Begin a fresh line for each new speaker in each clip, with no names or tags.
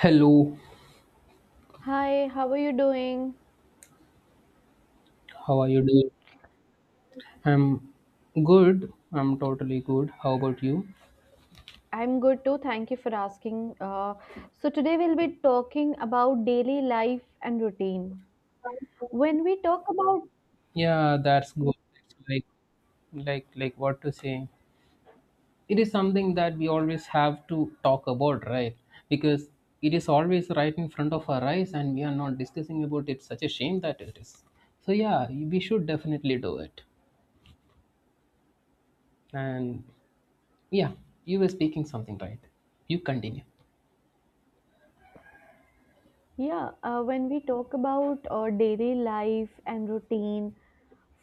Hello,
Hi, how are you doing?
how are you doing? I'm good. I'm totally good. How about you?
I'm good too. Thank you for asking. Today we'll be talking about daily life and routine. When we talk about,
Yeah, that's good. It's like what to say. It is something that we always have to talk about, right? Because it is always right in front of our eyes and we are not discussing about it. Such a shame that it is. So yeah, we should definitely do it. And yeah, you were speaking something right. You continue.
yeah, when we talk about Daily life and routine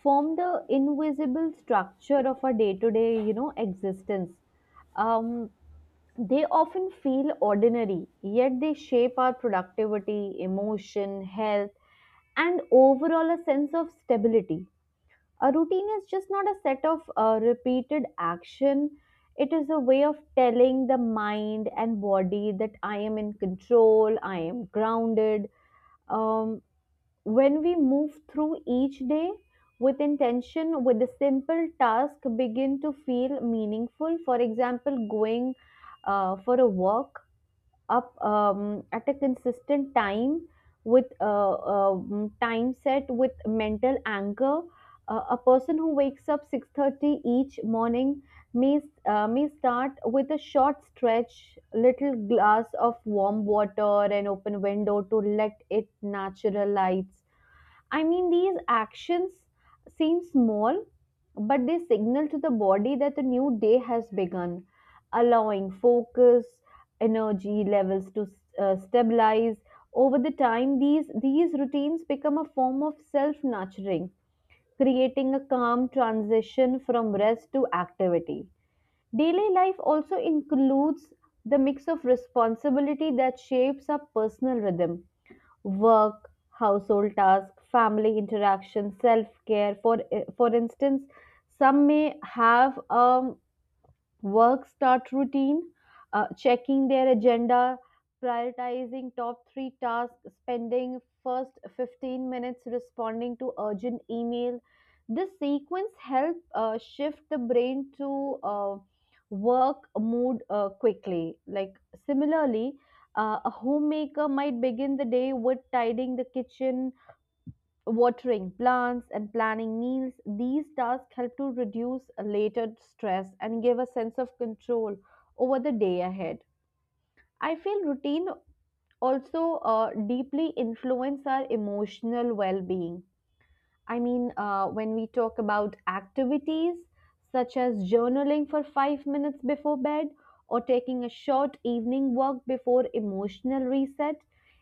form the invisible structure of our day to day existence. Um, they often feel ordinary, yet they shape our productivity, emotion, health, and overall a sense of stability. A routine is just not a set of repeated action. It is a way of telling the mind and body that I am in control, I am grounded. um, when we move through each day with intention, with a simple task, begin to feel meaningful. For example, going for a walk up at a consistent time, with time set with mental anchor. A person who wakes up 6:30 each morning may may start with a short stretch, little glass of warm water, an open window to let it natural lights. I mean, these actions seem small, but they signal to the body that a new day has begun, allowing focus, energy levels to stabilize. Over the time, these routines become a form of self nurturing, creating a calm transition from rest to activity. Daily life also includes the mix of responsibility that shapes our personal rhythm: work, household tasks, family interaction, self care. For instance, some may have a work start routine, checking their agenda, prioritizing top three tasks, spending first 15 minutes responding to urgent email. This sequence help shift the brain to work mood quickly. Like similarly, a homemaker might begin the day with tidying the kitchen, watering plants and planning meals. These tasks help to reduce later stress and give a sense of control over the day ahead. I feel routine also deeply influence our emotional well being. I mean, when we talk about activities such as journaling for 5 minutes before bed or taking a short evening walk before emotional reset,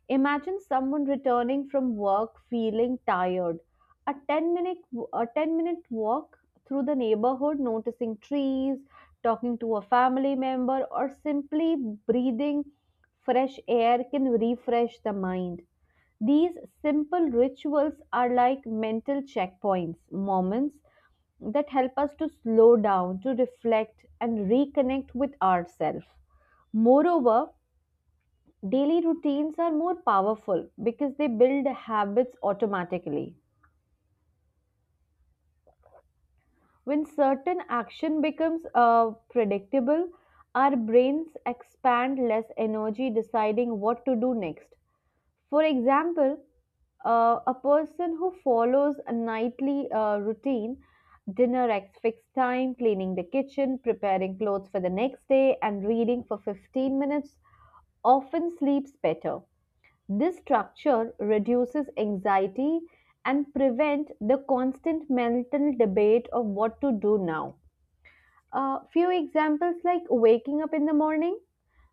imagine someone returning from work feeling tired. A 10 minute, a 10-minute walk through the neighborhood, noticing trees, talking to a family member, or simply breathing fresh air can refresh the mind. These simple rituals are like mental checkpoints, moments that help us to slow down, to reflect, and reconnect with ourselves. Moreover, daily routines are more powerful because they build habits automatically. When certain action becomes predictable, our brains expand less energy deciding what to do next. For example, a person who follows a nightly routine, dinner at fixed time, cleaning the kitchen, preparing clothes for the next day, and reading for 15 minutes, often sleeps better. This structure reduces anxiety and prevent the constant mental debate of what to do now. Few examples like waking up in the morning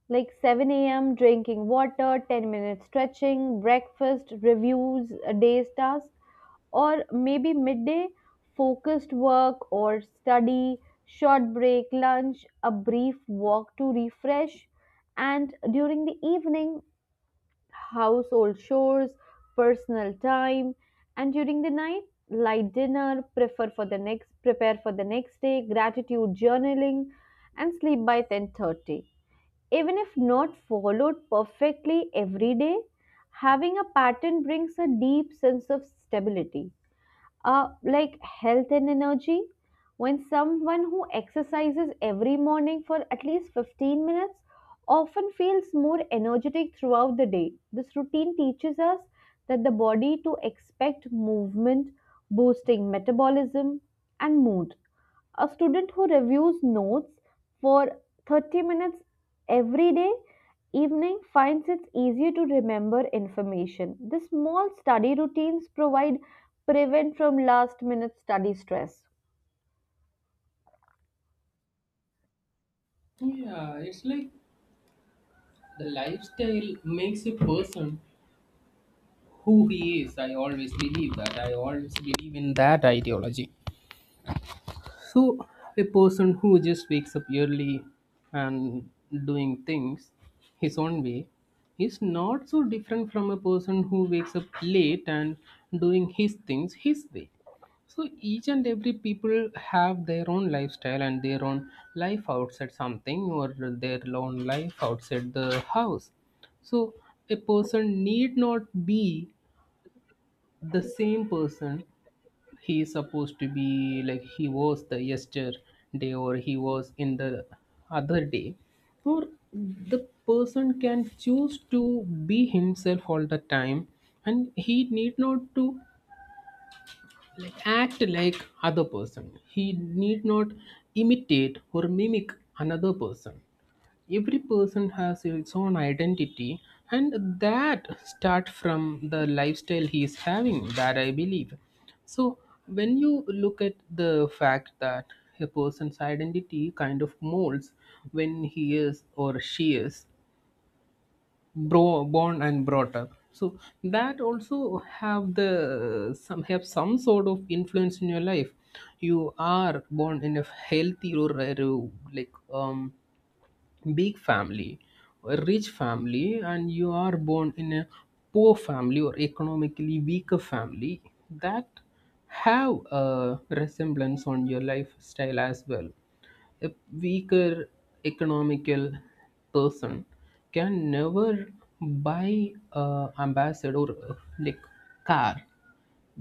like 7 a.m., drinking water, 10 minutes stretching, breakfast, reviews, a day's task, or maybe midday, focused work or study, short break, lunch, a brief walk to refresh, and during the evening, household chores, personal time, and during the night, light dinner, prefer for the next prepare for the next day, gratitude journaling, and sleep by 10:30. Even if not followed perfectly every day, having a pattern brings a deep sense of stability, like health and energy. When someone who exercises every morning for at least 15 minutes often feels more energetic throughout the day, this routine teaches us that the body to expect movement, boosting metabolism and mood. A student who reviews notes for 30 minutes every day evening finds it easier to remember information. The small study routines provide prevent from last minute study stress.
Yeah, it's like the lifestyle makes a person who he is. I always believe that. I always believe in that ideology. So, a person who just wakes up early and doing things his own way is not so different from a person who wakes up late and doing his things his way. So each and every people have their own lifestyle and their own life outside something or their own life outside the house. So a person need not be the same person he is supposed to be like he was the yesterday or he was in the other day, or the person can choose to be himself all the time, and he need not to like act like other person. He need not imitate or mimic another person. Every person has its own identity, and that start from the lifestyle he is having, that I believe. So when you look at the fact that a person's identity kind of molds when he is or she is born and brought up, so that also have the some have some sort of influence in your life. You are born in a healthy or like big family or rich family, and you are born in a poor family or economically weaker family. That have a resemblance on your lifestyle as well. A weaker economical person can never buy a ambassador or like car,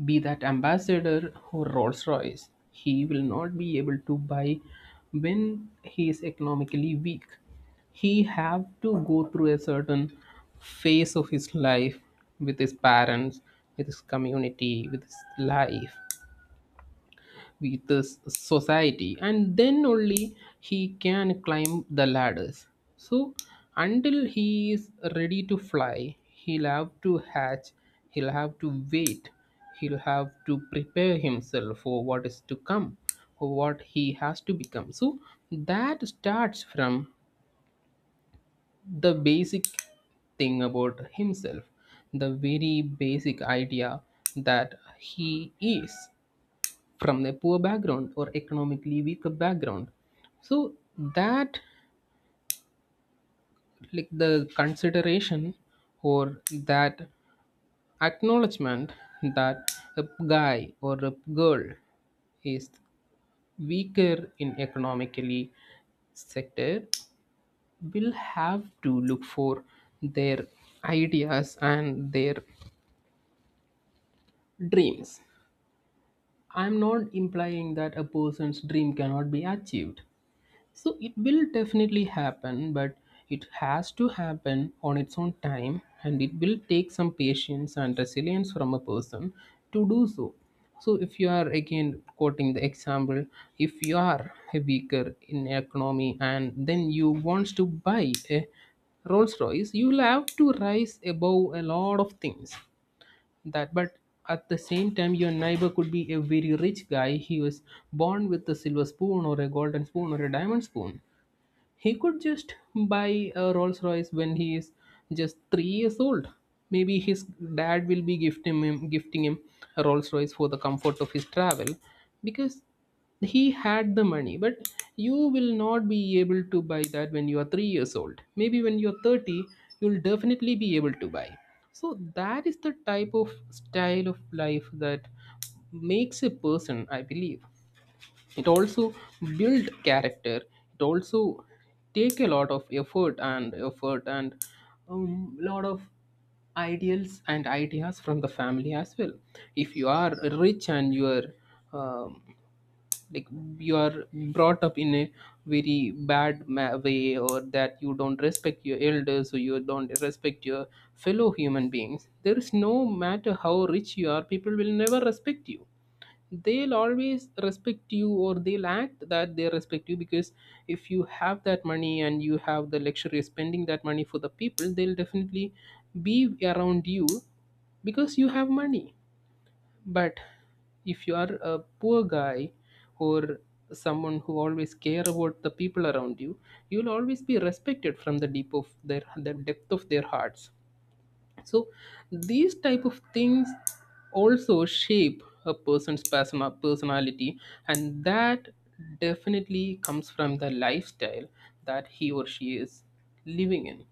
be that ambassador or Rolls-Royce, he will not be able to buy when he is economically weak. He have to go through a certain phase of his life with his parents, with his community, with his life with the society, and then only he can climb the ladders. So until he is ready to fly, he'll have to hatch, he'll have to wait, he'll have to prepare himself for what is to come, for what he has to become. So that starts from the basic thing about himself, the very basic idea that he is from a poor background or economically weaker background. So that, like the consideration or that acknowledgement that a guy or a girl is weaker in economically sector, will have to look for their ideas and their dreams. I'm not implying that a person's dream cannot be achieved. So it will definitely happen, but it has to happen on its own time, and it will take some patience and resilience from a person to do so. So, if you are again quoting the example, if you are a weaker in economy and then you wants to buy a Rolls Royce, you will have to rise above a lot of things. That, but at the same time, your neighbor could be a very rich guy. He was born with a silver spoon or a golden spoon or a diamond spoon. He could just buy a Rolls Royce when he is just 3 years old. Maybe his dad will be gifting him a Rolls Royce for the comfort of his travel because he had the money. But you will not be able to buy that when you are 3 years old. Maybe when you are 30, you'll definitely be able to buy. So that is the type of style of life that makes a person, I believe. It also build character, it also take a lot of effort and lot of ideals and ideas from the family as well. If you are rich and you are um, like you are brought up in a very bad way, or that you don't respect your elders or you don't respect your fellow human beings, there is, no matter how rich you are, people will never respect you. They'll always respect you, or they'll act that they respect you because if you have that money and you have the luxury of spending that money for the people, they'll definitely be around you because you have money. But if you are a poor guy or someone who always care about the people around you, you'll always be respected from the depth of their hearts. So these type of things also shape a person's persona, personality, and that definitely comes from the lifestyle that he or she is living in.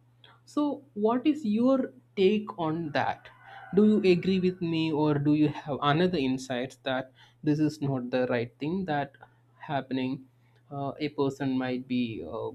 So, what is your take on that? Do you agree with me, or do you have another insights that this is not the right thing that happening? A person might be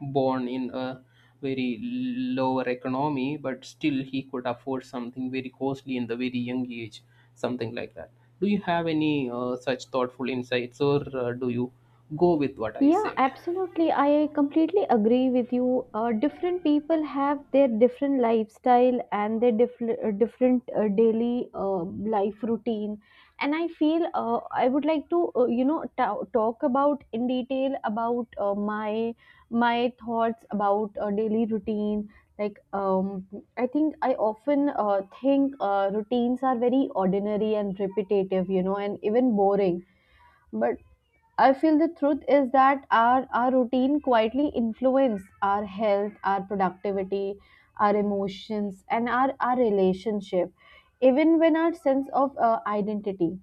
born in a very lower economy, but still he could afford something very costly in the very young age, something like that. Do you have any such thoughtful insights, or do you go with what I
Yeah,
said?
absolutely. I completely agree with you. Different people have their different lifestyle and their different daily life routine. And I feel I would like to, talk about in detail about my my thoughts about daily routine. Like, I think I often think routines are very ordinary and repetitive, you know, and even boring, but I feel the truth is that our routine quietly influence our health, our productivity, our emotions, and our relationship, even when our sense of identity.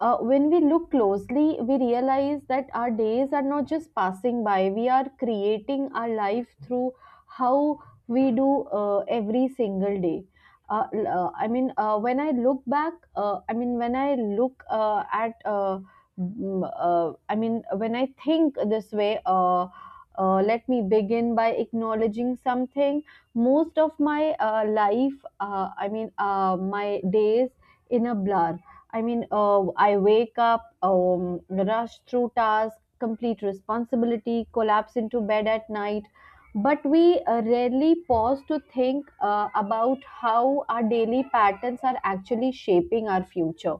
When we look closely, we realize that our days are not just passing by, we are creating our life through how we do every single day. L- I mean, when I look back, I mean, when I look at, mm, I mean, when I think this way, Let me begin by acknowledging something. Most of my life, my days in a blur. I mean, I wake up, rush through tasks, complete responsibility, collapse into bed at night. But we rarely pause to think about how our daily patterns are actually shaping our future.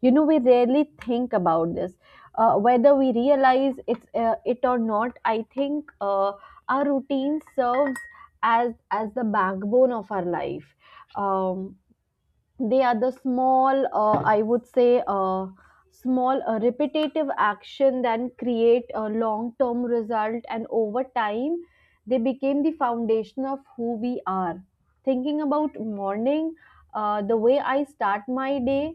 You know, we rarely think about this. Whether we realize it or not, I think our routine serves as the backbone of our life. Um, they are the small I would say small repetitive action that create a long term result, and over time they became the foundation of who we are. Thinking about morning, the way I start my day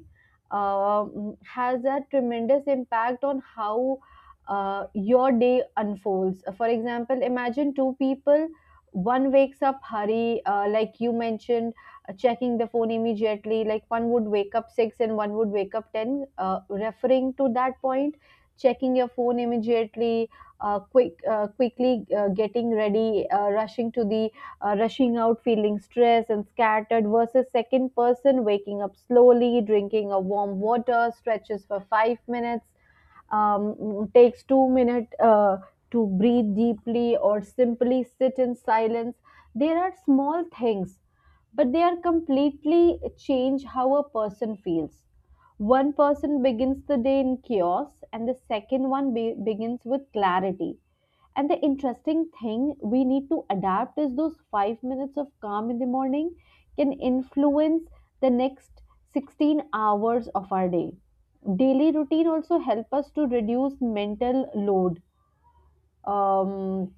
has a tremendous impact on how your day unfolds. For example, imagine two people. One wakes up hurry, like you mentioned, checking the phone immediately, like one would wake up 6 and one would wake up 10, referring to that point, checking your phone immediately, quickly getting ready, rushing to the rushing out, feeling stressed and scattered, versus second person waking up slowly, drinking a warm water, stretches for 5 minutes, takes 2 minutes to breathe deeply or simply sit in silence. There are small things, but they are completely change how a person feels. One person begins the day in chaos, and the second one begins with clarity. And the interesting thing we need to adapt is those 5 minutes of calm in the morning can influence the next 16 hours of our day. Daily routine also help us to reduce mental load. Um,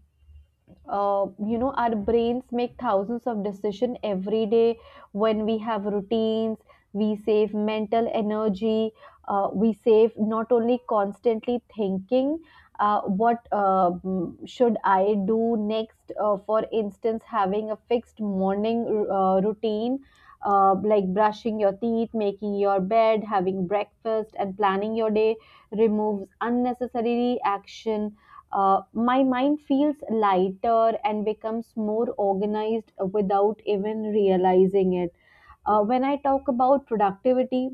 you know, our brains make thousands of decisions every day. When we have routines, we save mental energy. We save not only constantly thinking what, should I do next. For instance, having a fixed morning routine, like brushing your teeth, making your bed, having breakfast, and planning your day, removes unnecessary action. My mind feels lighter and becomes more organized without even realizing it. When I talk about productivity,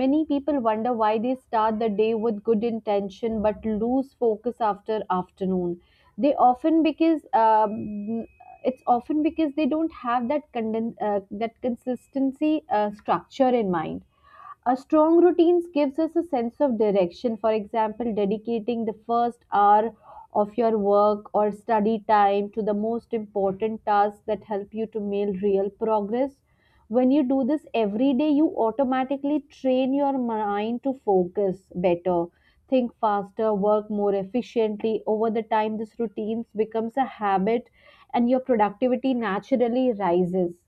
many people wonder why they start the day with good intention but lose focus after afternoon. They often because it's often because they don't have that that consistency structure in mind. A strong routines gives us a sense of direction. For example, dedicating the first hour of your work or study time to the most important tasks that help you to make real progress. When you do this every day, you automatically train your mind to focus better, think faster, work more efficiently. Over the time, this routine becomes a habit and your productivity naturally rises.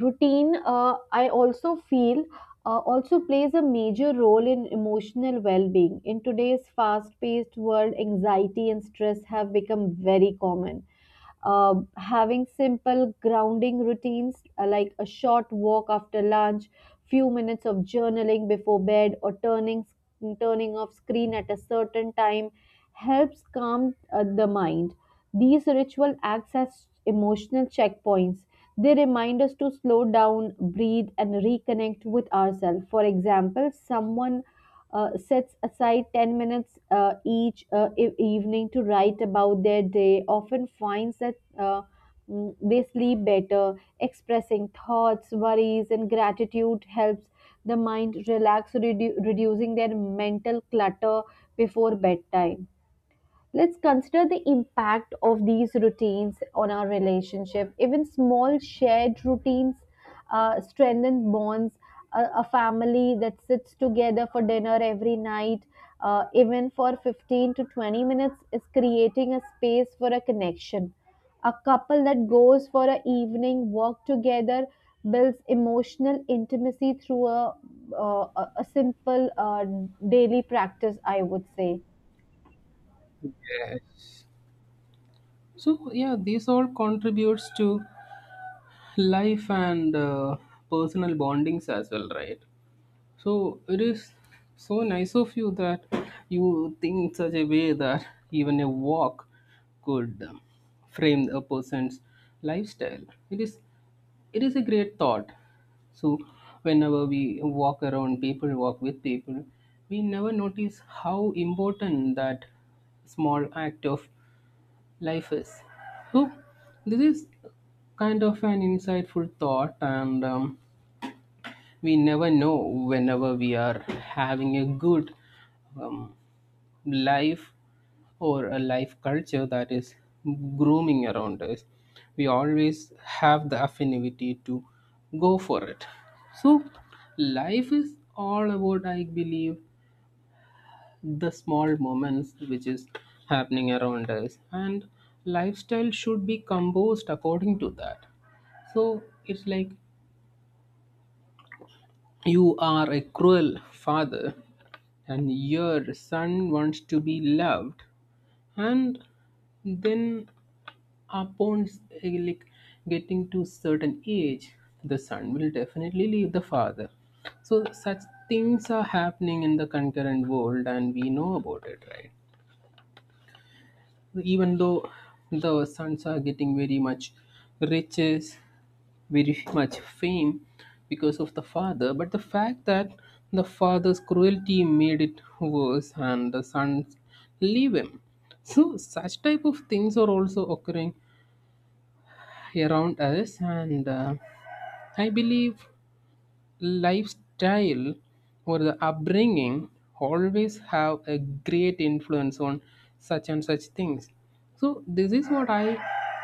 Routine I also feel also plays a major role in emotional well-being. In today's fast-paced world, anxiety and stress have become very common. Having simple grounding routines, like a short walk after lunch, few minutes of journaling before bed, or turning off screen at a certain time, helps calm the mind. These ritual acts as emotional checkpoints. They remind us to slow down, breathe, and reconnect with ourselves. For example, someone sets aside 10 minutes evening to write about their day, often finds that they sleep better. Expressing thoughts, worries, and gratitude helps the mind relax, reducing their mental clutter before bedtime. Let's consider the impact of these routines on our relationship. Even small shared routines strengthen bonds. A family that sits together for dinner every night, even for 15 to 20 minutes, is creating a space for a connection. A couple that goes for an evening walk together builds emotional intimacy through a simple daily practice, I would say.
Yes. So yeah, this all contributes to life and personal bondings as well, right? So it is so nice of you that you think such a way that even a walk could frame a person's lifestyle. It is it is a great thought. So whenever we walk around, people walk with people, we never notice how important that small act of life is. So, this is kind of an insightful thought, and we never know whenever we are having a good um, life or a life culture that is grooming around us. We always have the affinity to go for it. So, life is all about, I believe, the small moments which is happening around us, and lifestyle should be composed according to that. So it's like you are a cruel father and your son wants to be loved, and then upon like getting to certain age, the son will definitely leave the father. So such things are happening in the concurrent world, and we know about it, right? Even though the sons are getting very much riches, very much fame because of the father, but the fact that the father's cruelty made it worse and the sons leave him. So such type of things are also occurring around us, and I believe lifestyle or the upbringing always have a great influence on such and such things. So this is what I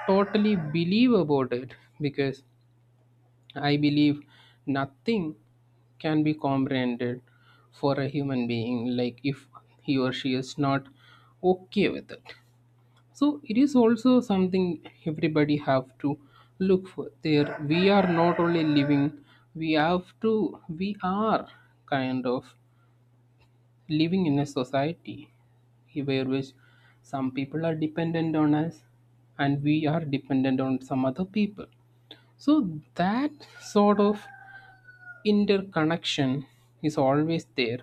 totally believe about it, because I believe nothing can be comprehended for a human being, like if he or she is not okay with it. So it is also something everybody have to look for there. We are not only living, we have to we are kind of living in a society where which some people are dependent on us and we are dependent on some other people. So that sort of interconnection is always there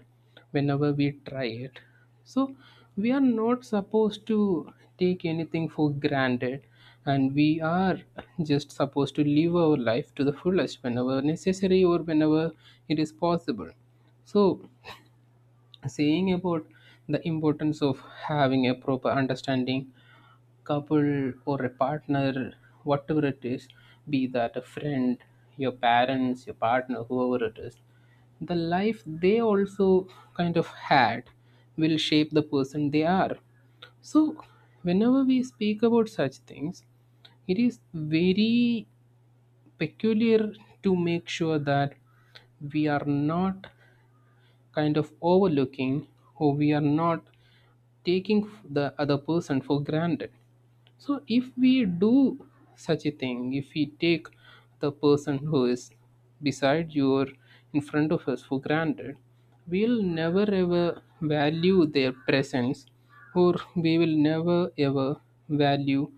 whenever we try it. So we are not supposed to take anything for granted, and we are just supposed to live our life to the fullest whenever necessary or whenever it is possible. So, saying about the importance of having a proper understanding, couple or a partner, whatever it is, be that a friend, your parents, your partner, whoever it is, the life they also kind of had will shape the person they are. So, whenever we speak about such things, it is very peculiar to make sure that we are not kind of overlooking or we are not taking the other person for granted. So if we do such a thing, if we take the person who is beside you or in front of us for granted, we'll never ever value their presence, or we will never ever value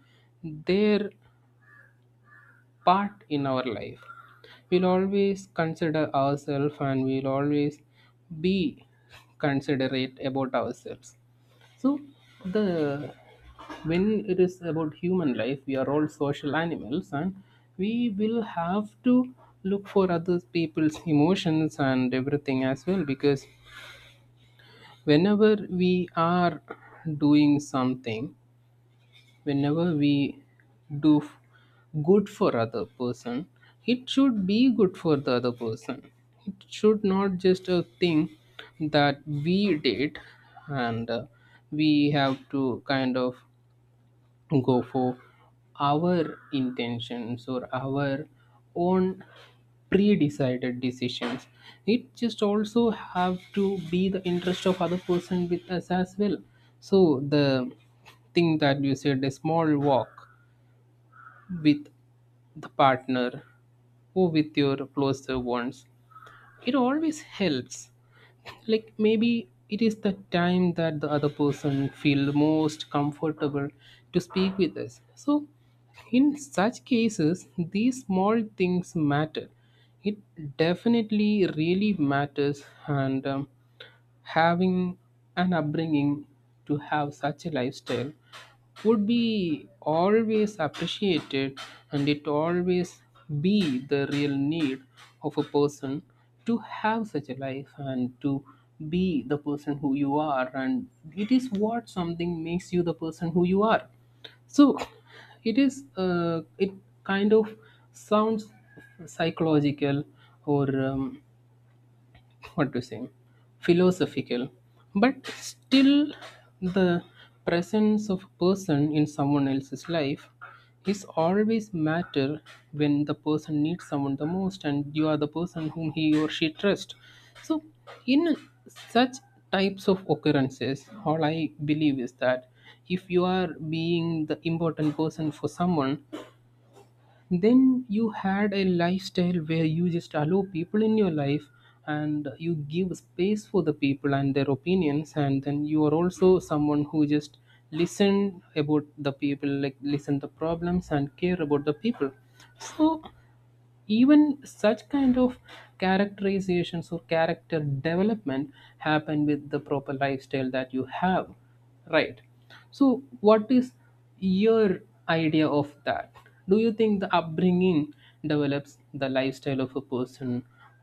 their part in our life. We'll always consider ourselves and we'll always be considerate about ourselves. So the when it is about human life, we are all social animals, and we will have to look for other people's emotions and everything as well. Because whenever we are doing something, whenever we do f- good for other person, it should be good for the other person. It should not just a thing that we did and we have to kind of go for our intentions or our own pre-decided decisions. It just also have to be the interest of other person with us as well. So the thing that you said, a small walk with the partner or with your closer ones, it always helps. Like maybe it is the time that the other person feel most comfortable to speak with us. So in such cases, these small things matter. It definitely really matters. And having an upbringing to have such a lifestyle would be always appreciated, and it always be the real need of a person to have such a life, and to be the person who you are. And it is what something makes you the person who you are. So it is it kind of sounds psychological, or, what to say, philosophical, but still the presence of a person in someone else's life is always matter when the person needs someone the most and you are the person whom he or she trusts. So in such types of occurrences, all I believe is that if you are being the important person for someone, then you had a lifestyle where you just allow people in your life, and you give space for the people and their opinions, and then you are also someone who just listen about the people, like listen the problems and care about the people. So even such kind of characterizations or character development happen with the proper lifestyle that you have, right? So what is your idea of that? Do you think the upbringing develops the lifestyle of a person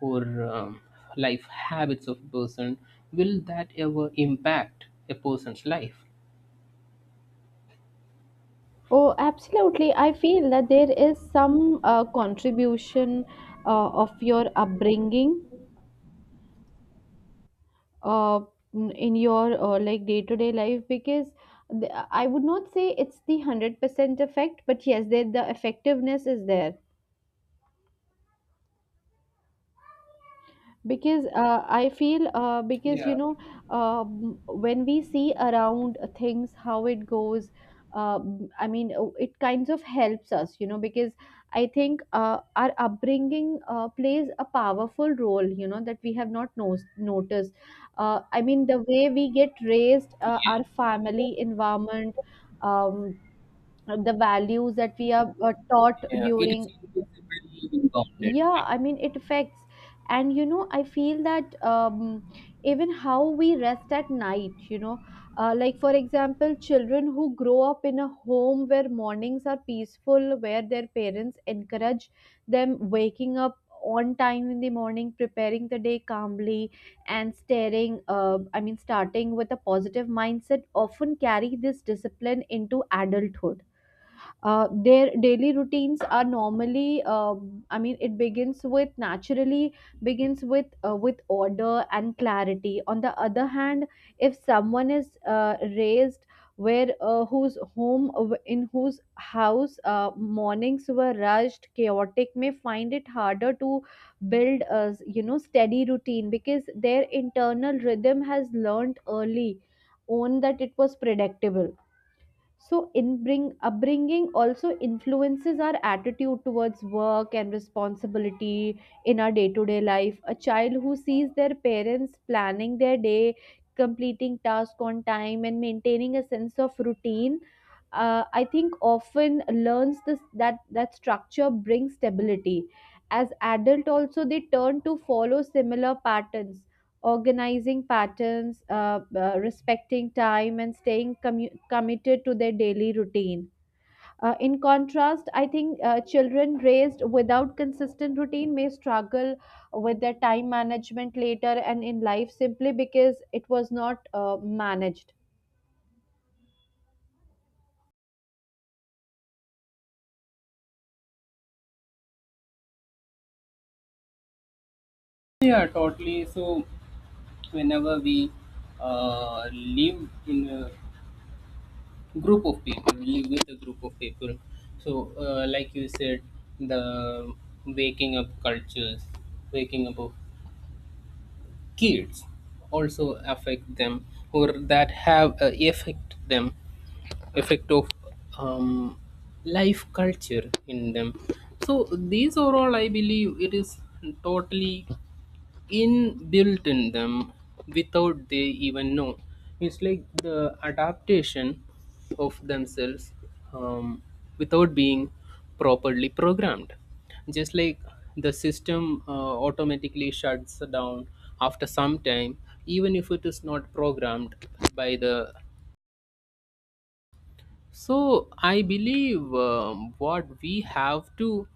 or life habits of a person? Will that ever impact a person's life?
Oh, absolutely. I feel that there is some contribution of your upbringing uh, in your like day-to-day life, because I would not say it's the 100% effect, but yes, there the effectiveness is there. Because I feel because you
Yeah,
know um, when we see around things how it goes, it kinds of helps us, you know, because I think our upbringing plays a powerful role, you know, that we have not no- noticed. I mean the way we get raised, our family environment, um, the values that we are taught
yeah, it is
during,
invisible even dominant,
yeah,
right?
I mean, it affects. And you know, I feel that even how we rest at night, you know. Like, for example, children who grow up in a home where mornings are peaceful, where their parents encourage them waking up on time in the morning, preparing the day calmly, and staring I mean starting with a positive mindset, often carry this discipline into adulthood. Their daily routines are normally it begins with naturally, begins with order and clarity. On the other hand, if someone is raised where whose home in whose house mornings were rushed chaotic, may find it harder to build a, you know, steady routine, because their internal rhythm has learned early on that it was predictable. So, in bring upbringing also influences our attitude towards work and responsibility in our day-to-day life. A child who sees their parents planning their day, completing tasks on time, and maintaining a sense of routine, I think often learns this, that structure brings stability. As adult, also they turn to follow similar patterns, organizing patterns, respecting time, and staying committed to their daily routine. In contrast, I think children raised without consistent routine may struggle with their time management later and in life simply because it was not managed.
Yeah, totally. So whenever we live in a group of people, we live with a group of people. So, like you said, the waking up cultures, waking up of kids, also affect them, or that have a effect them, effect of um, life culture in them. So these are all, I believe, it is totally inbuilt in them without they even know. It's like the adaptation of themselves, um, without being properly programmed. Just like the system automatically shuts down after some time, even if it is not programmed by the. So I believe, what we have to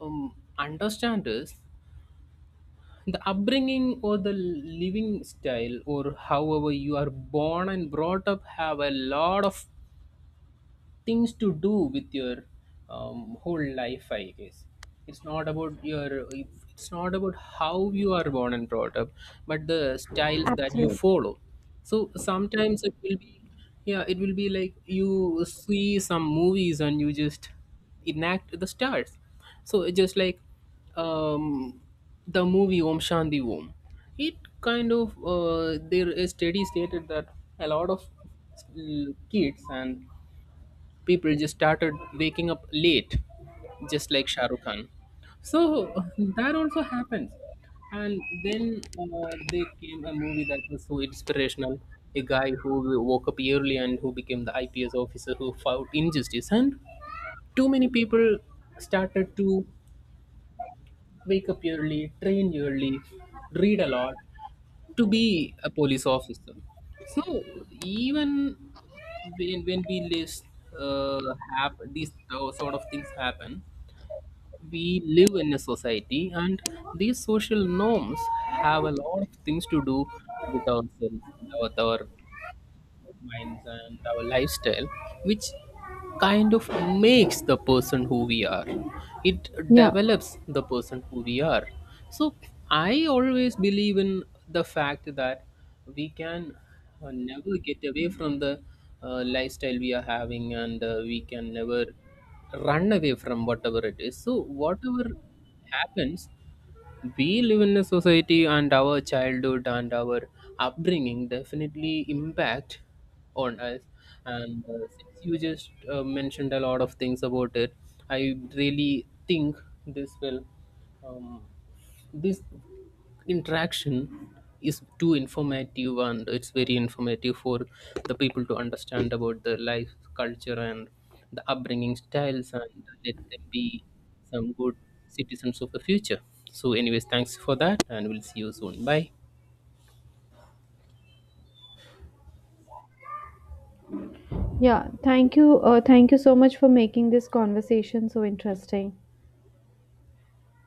understand is the upbringing or the living style or however you are born and brought up have a lot of things to do with your, whole life, I guess. It's not about your it's not about how you are born and brought up, but the styles that you
Absolutely.
follow. So sometimes it will be, yeah, it will be like you see some movies and you just enact the stars. So it's just like, um, the movie Om Shanti Om. It kind of there is study stated that a lot of kids and people just started waking up late, just like Shah Rukh Khan. So that also happens. And then there came a movie that was so inspirational. A guy who woke up early and who became the IPS officer who fought injustice. And too many people started to wake up early, train early, read a lot, to be a police officer. So even when we list uh, have these sort of things happen, we live in a society, and these social norms have a lot of things to do with ourselves, with our minds and our lifestyle, which kind of makes the person who we are. It
Yeah.
develops the person who we are. So I always believe in the fact that we can never get away from the lifestyle we are having, and we can never run away from whatever it is. So whatever happens, we live in a society, and our childhood and our upbringing definitely impact on us. And since you just mentioned a lot of things about it, I really think this will, um, this interaction is too informative, and it's very informative for the people to understand about the life culture and the upbringing styles, and let them be some good citizens of the future. So anyways, thanks for that, and we'll see you soon. Bye.
Yeah. Thank you. Thank you so much for making this conversation so interesting.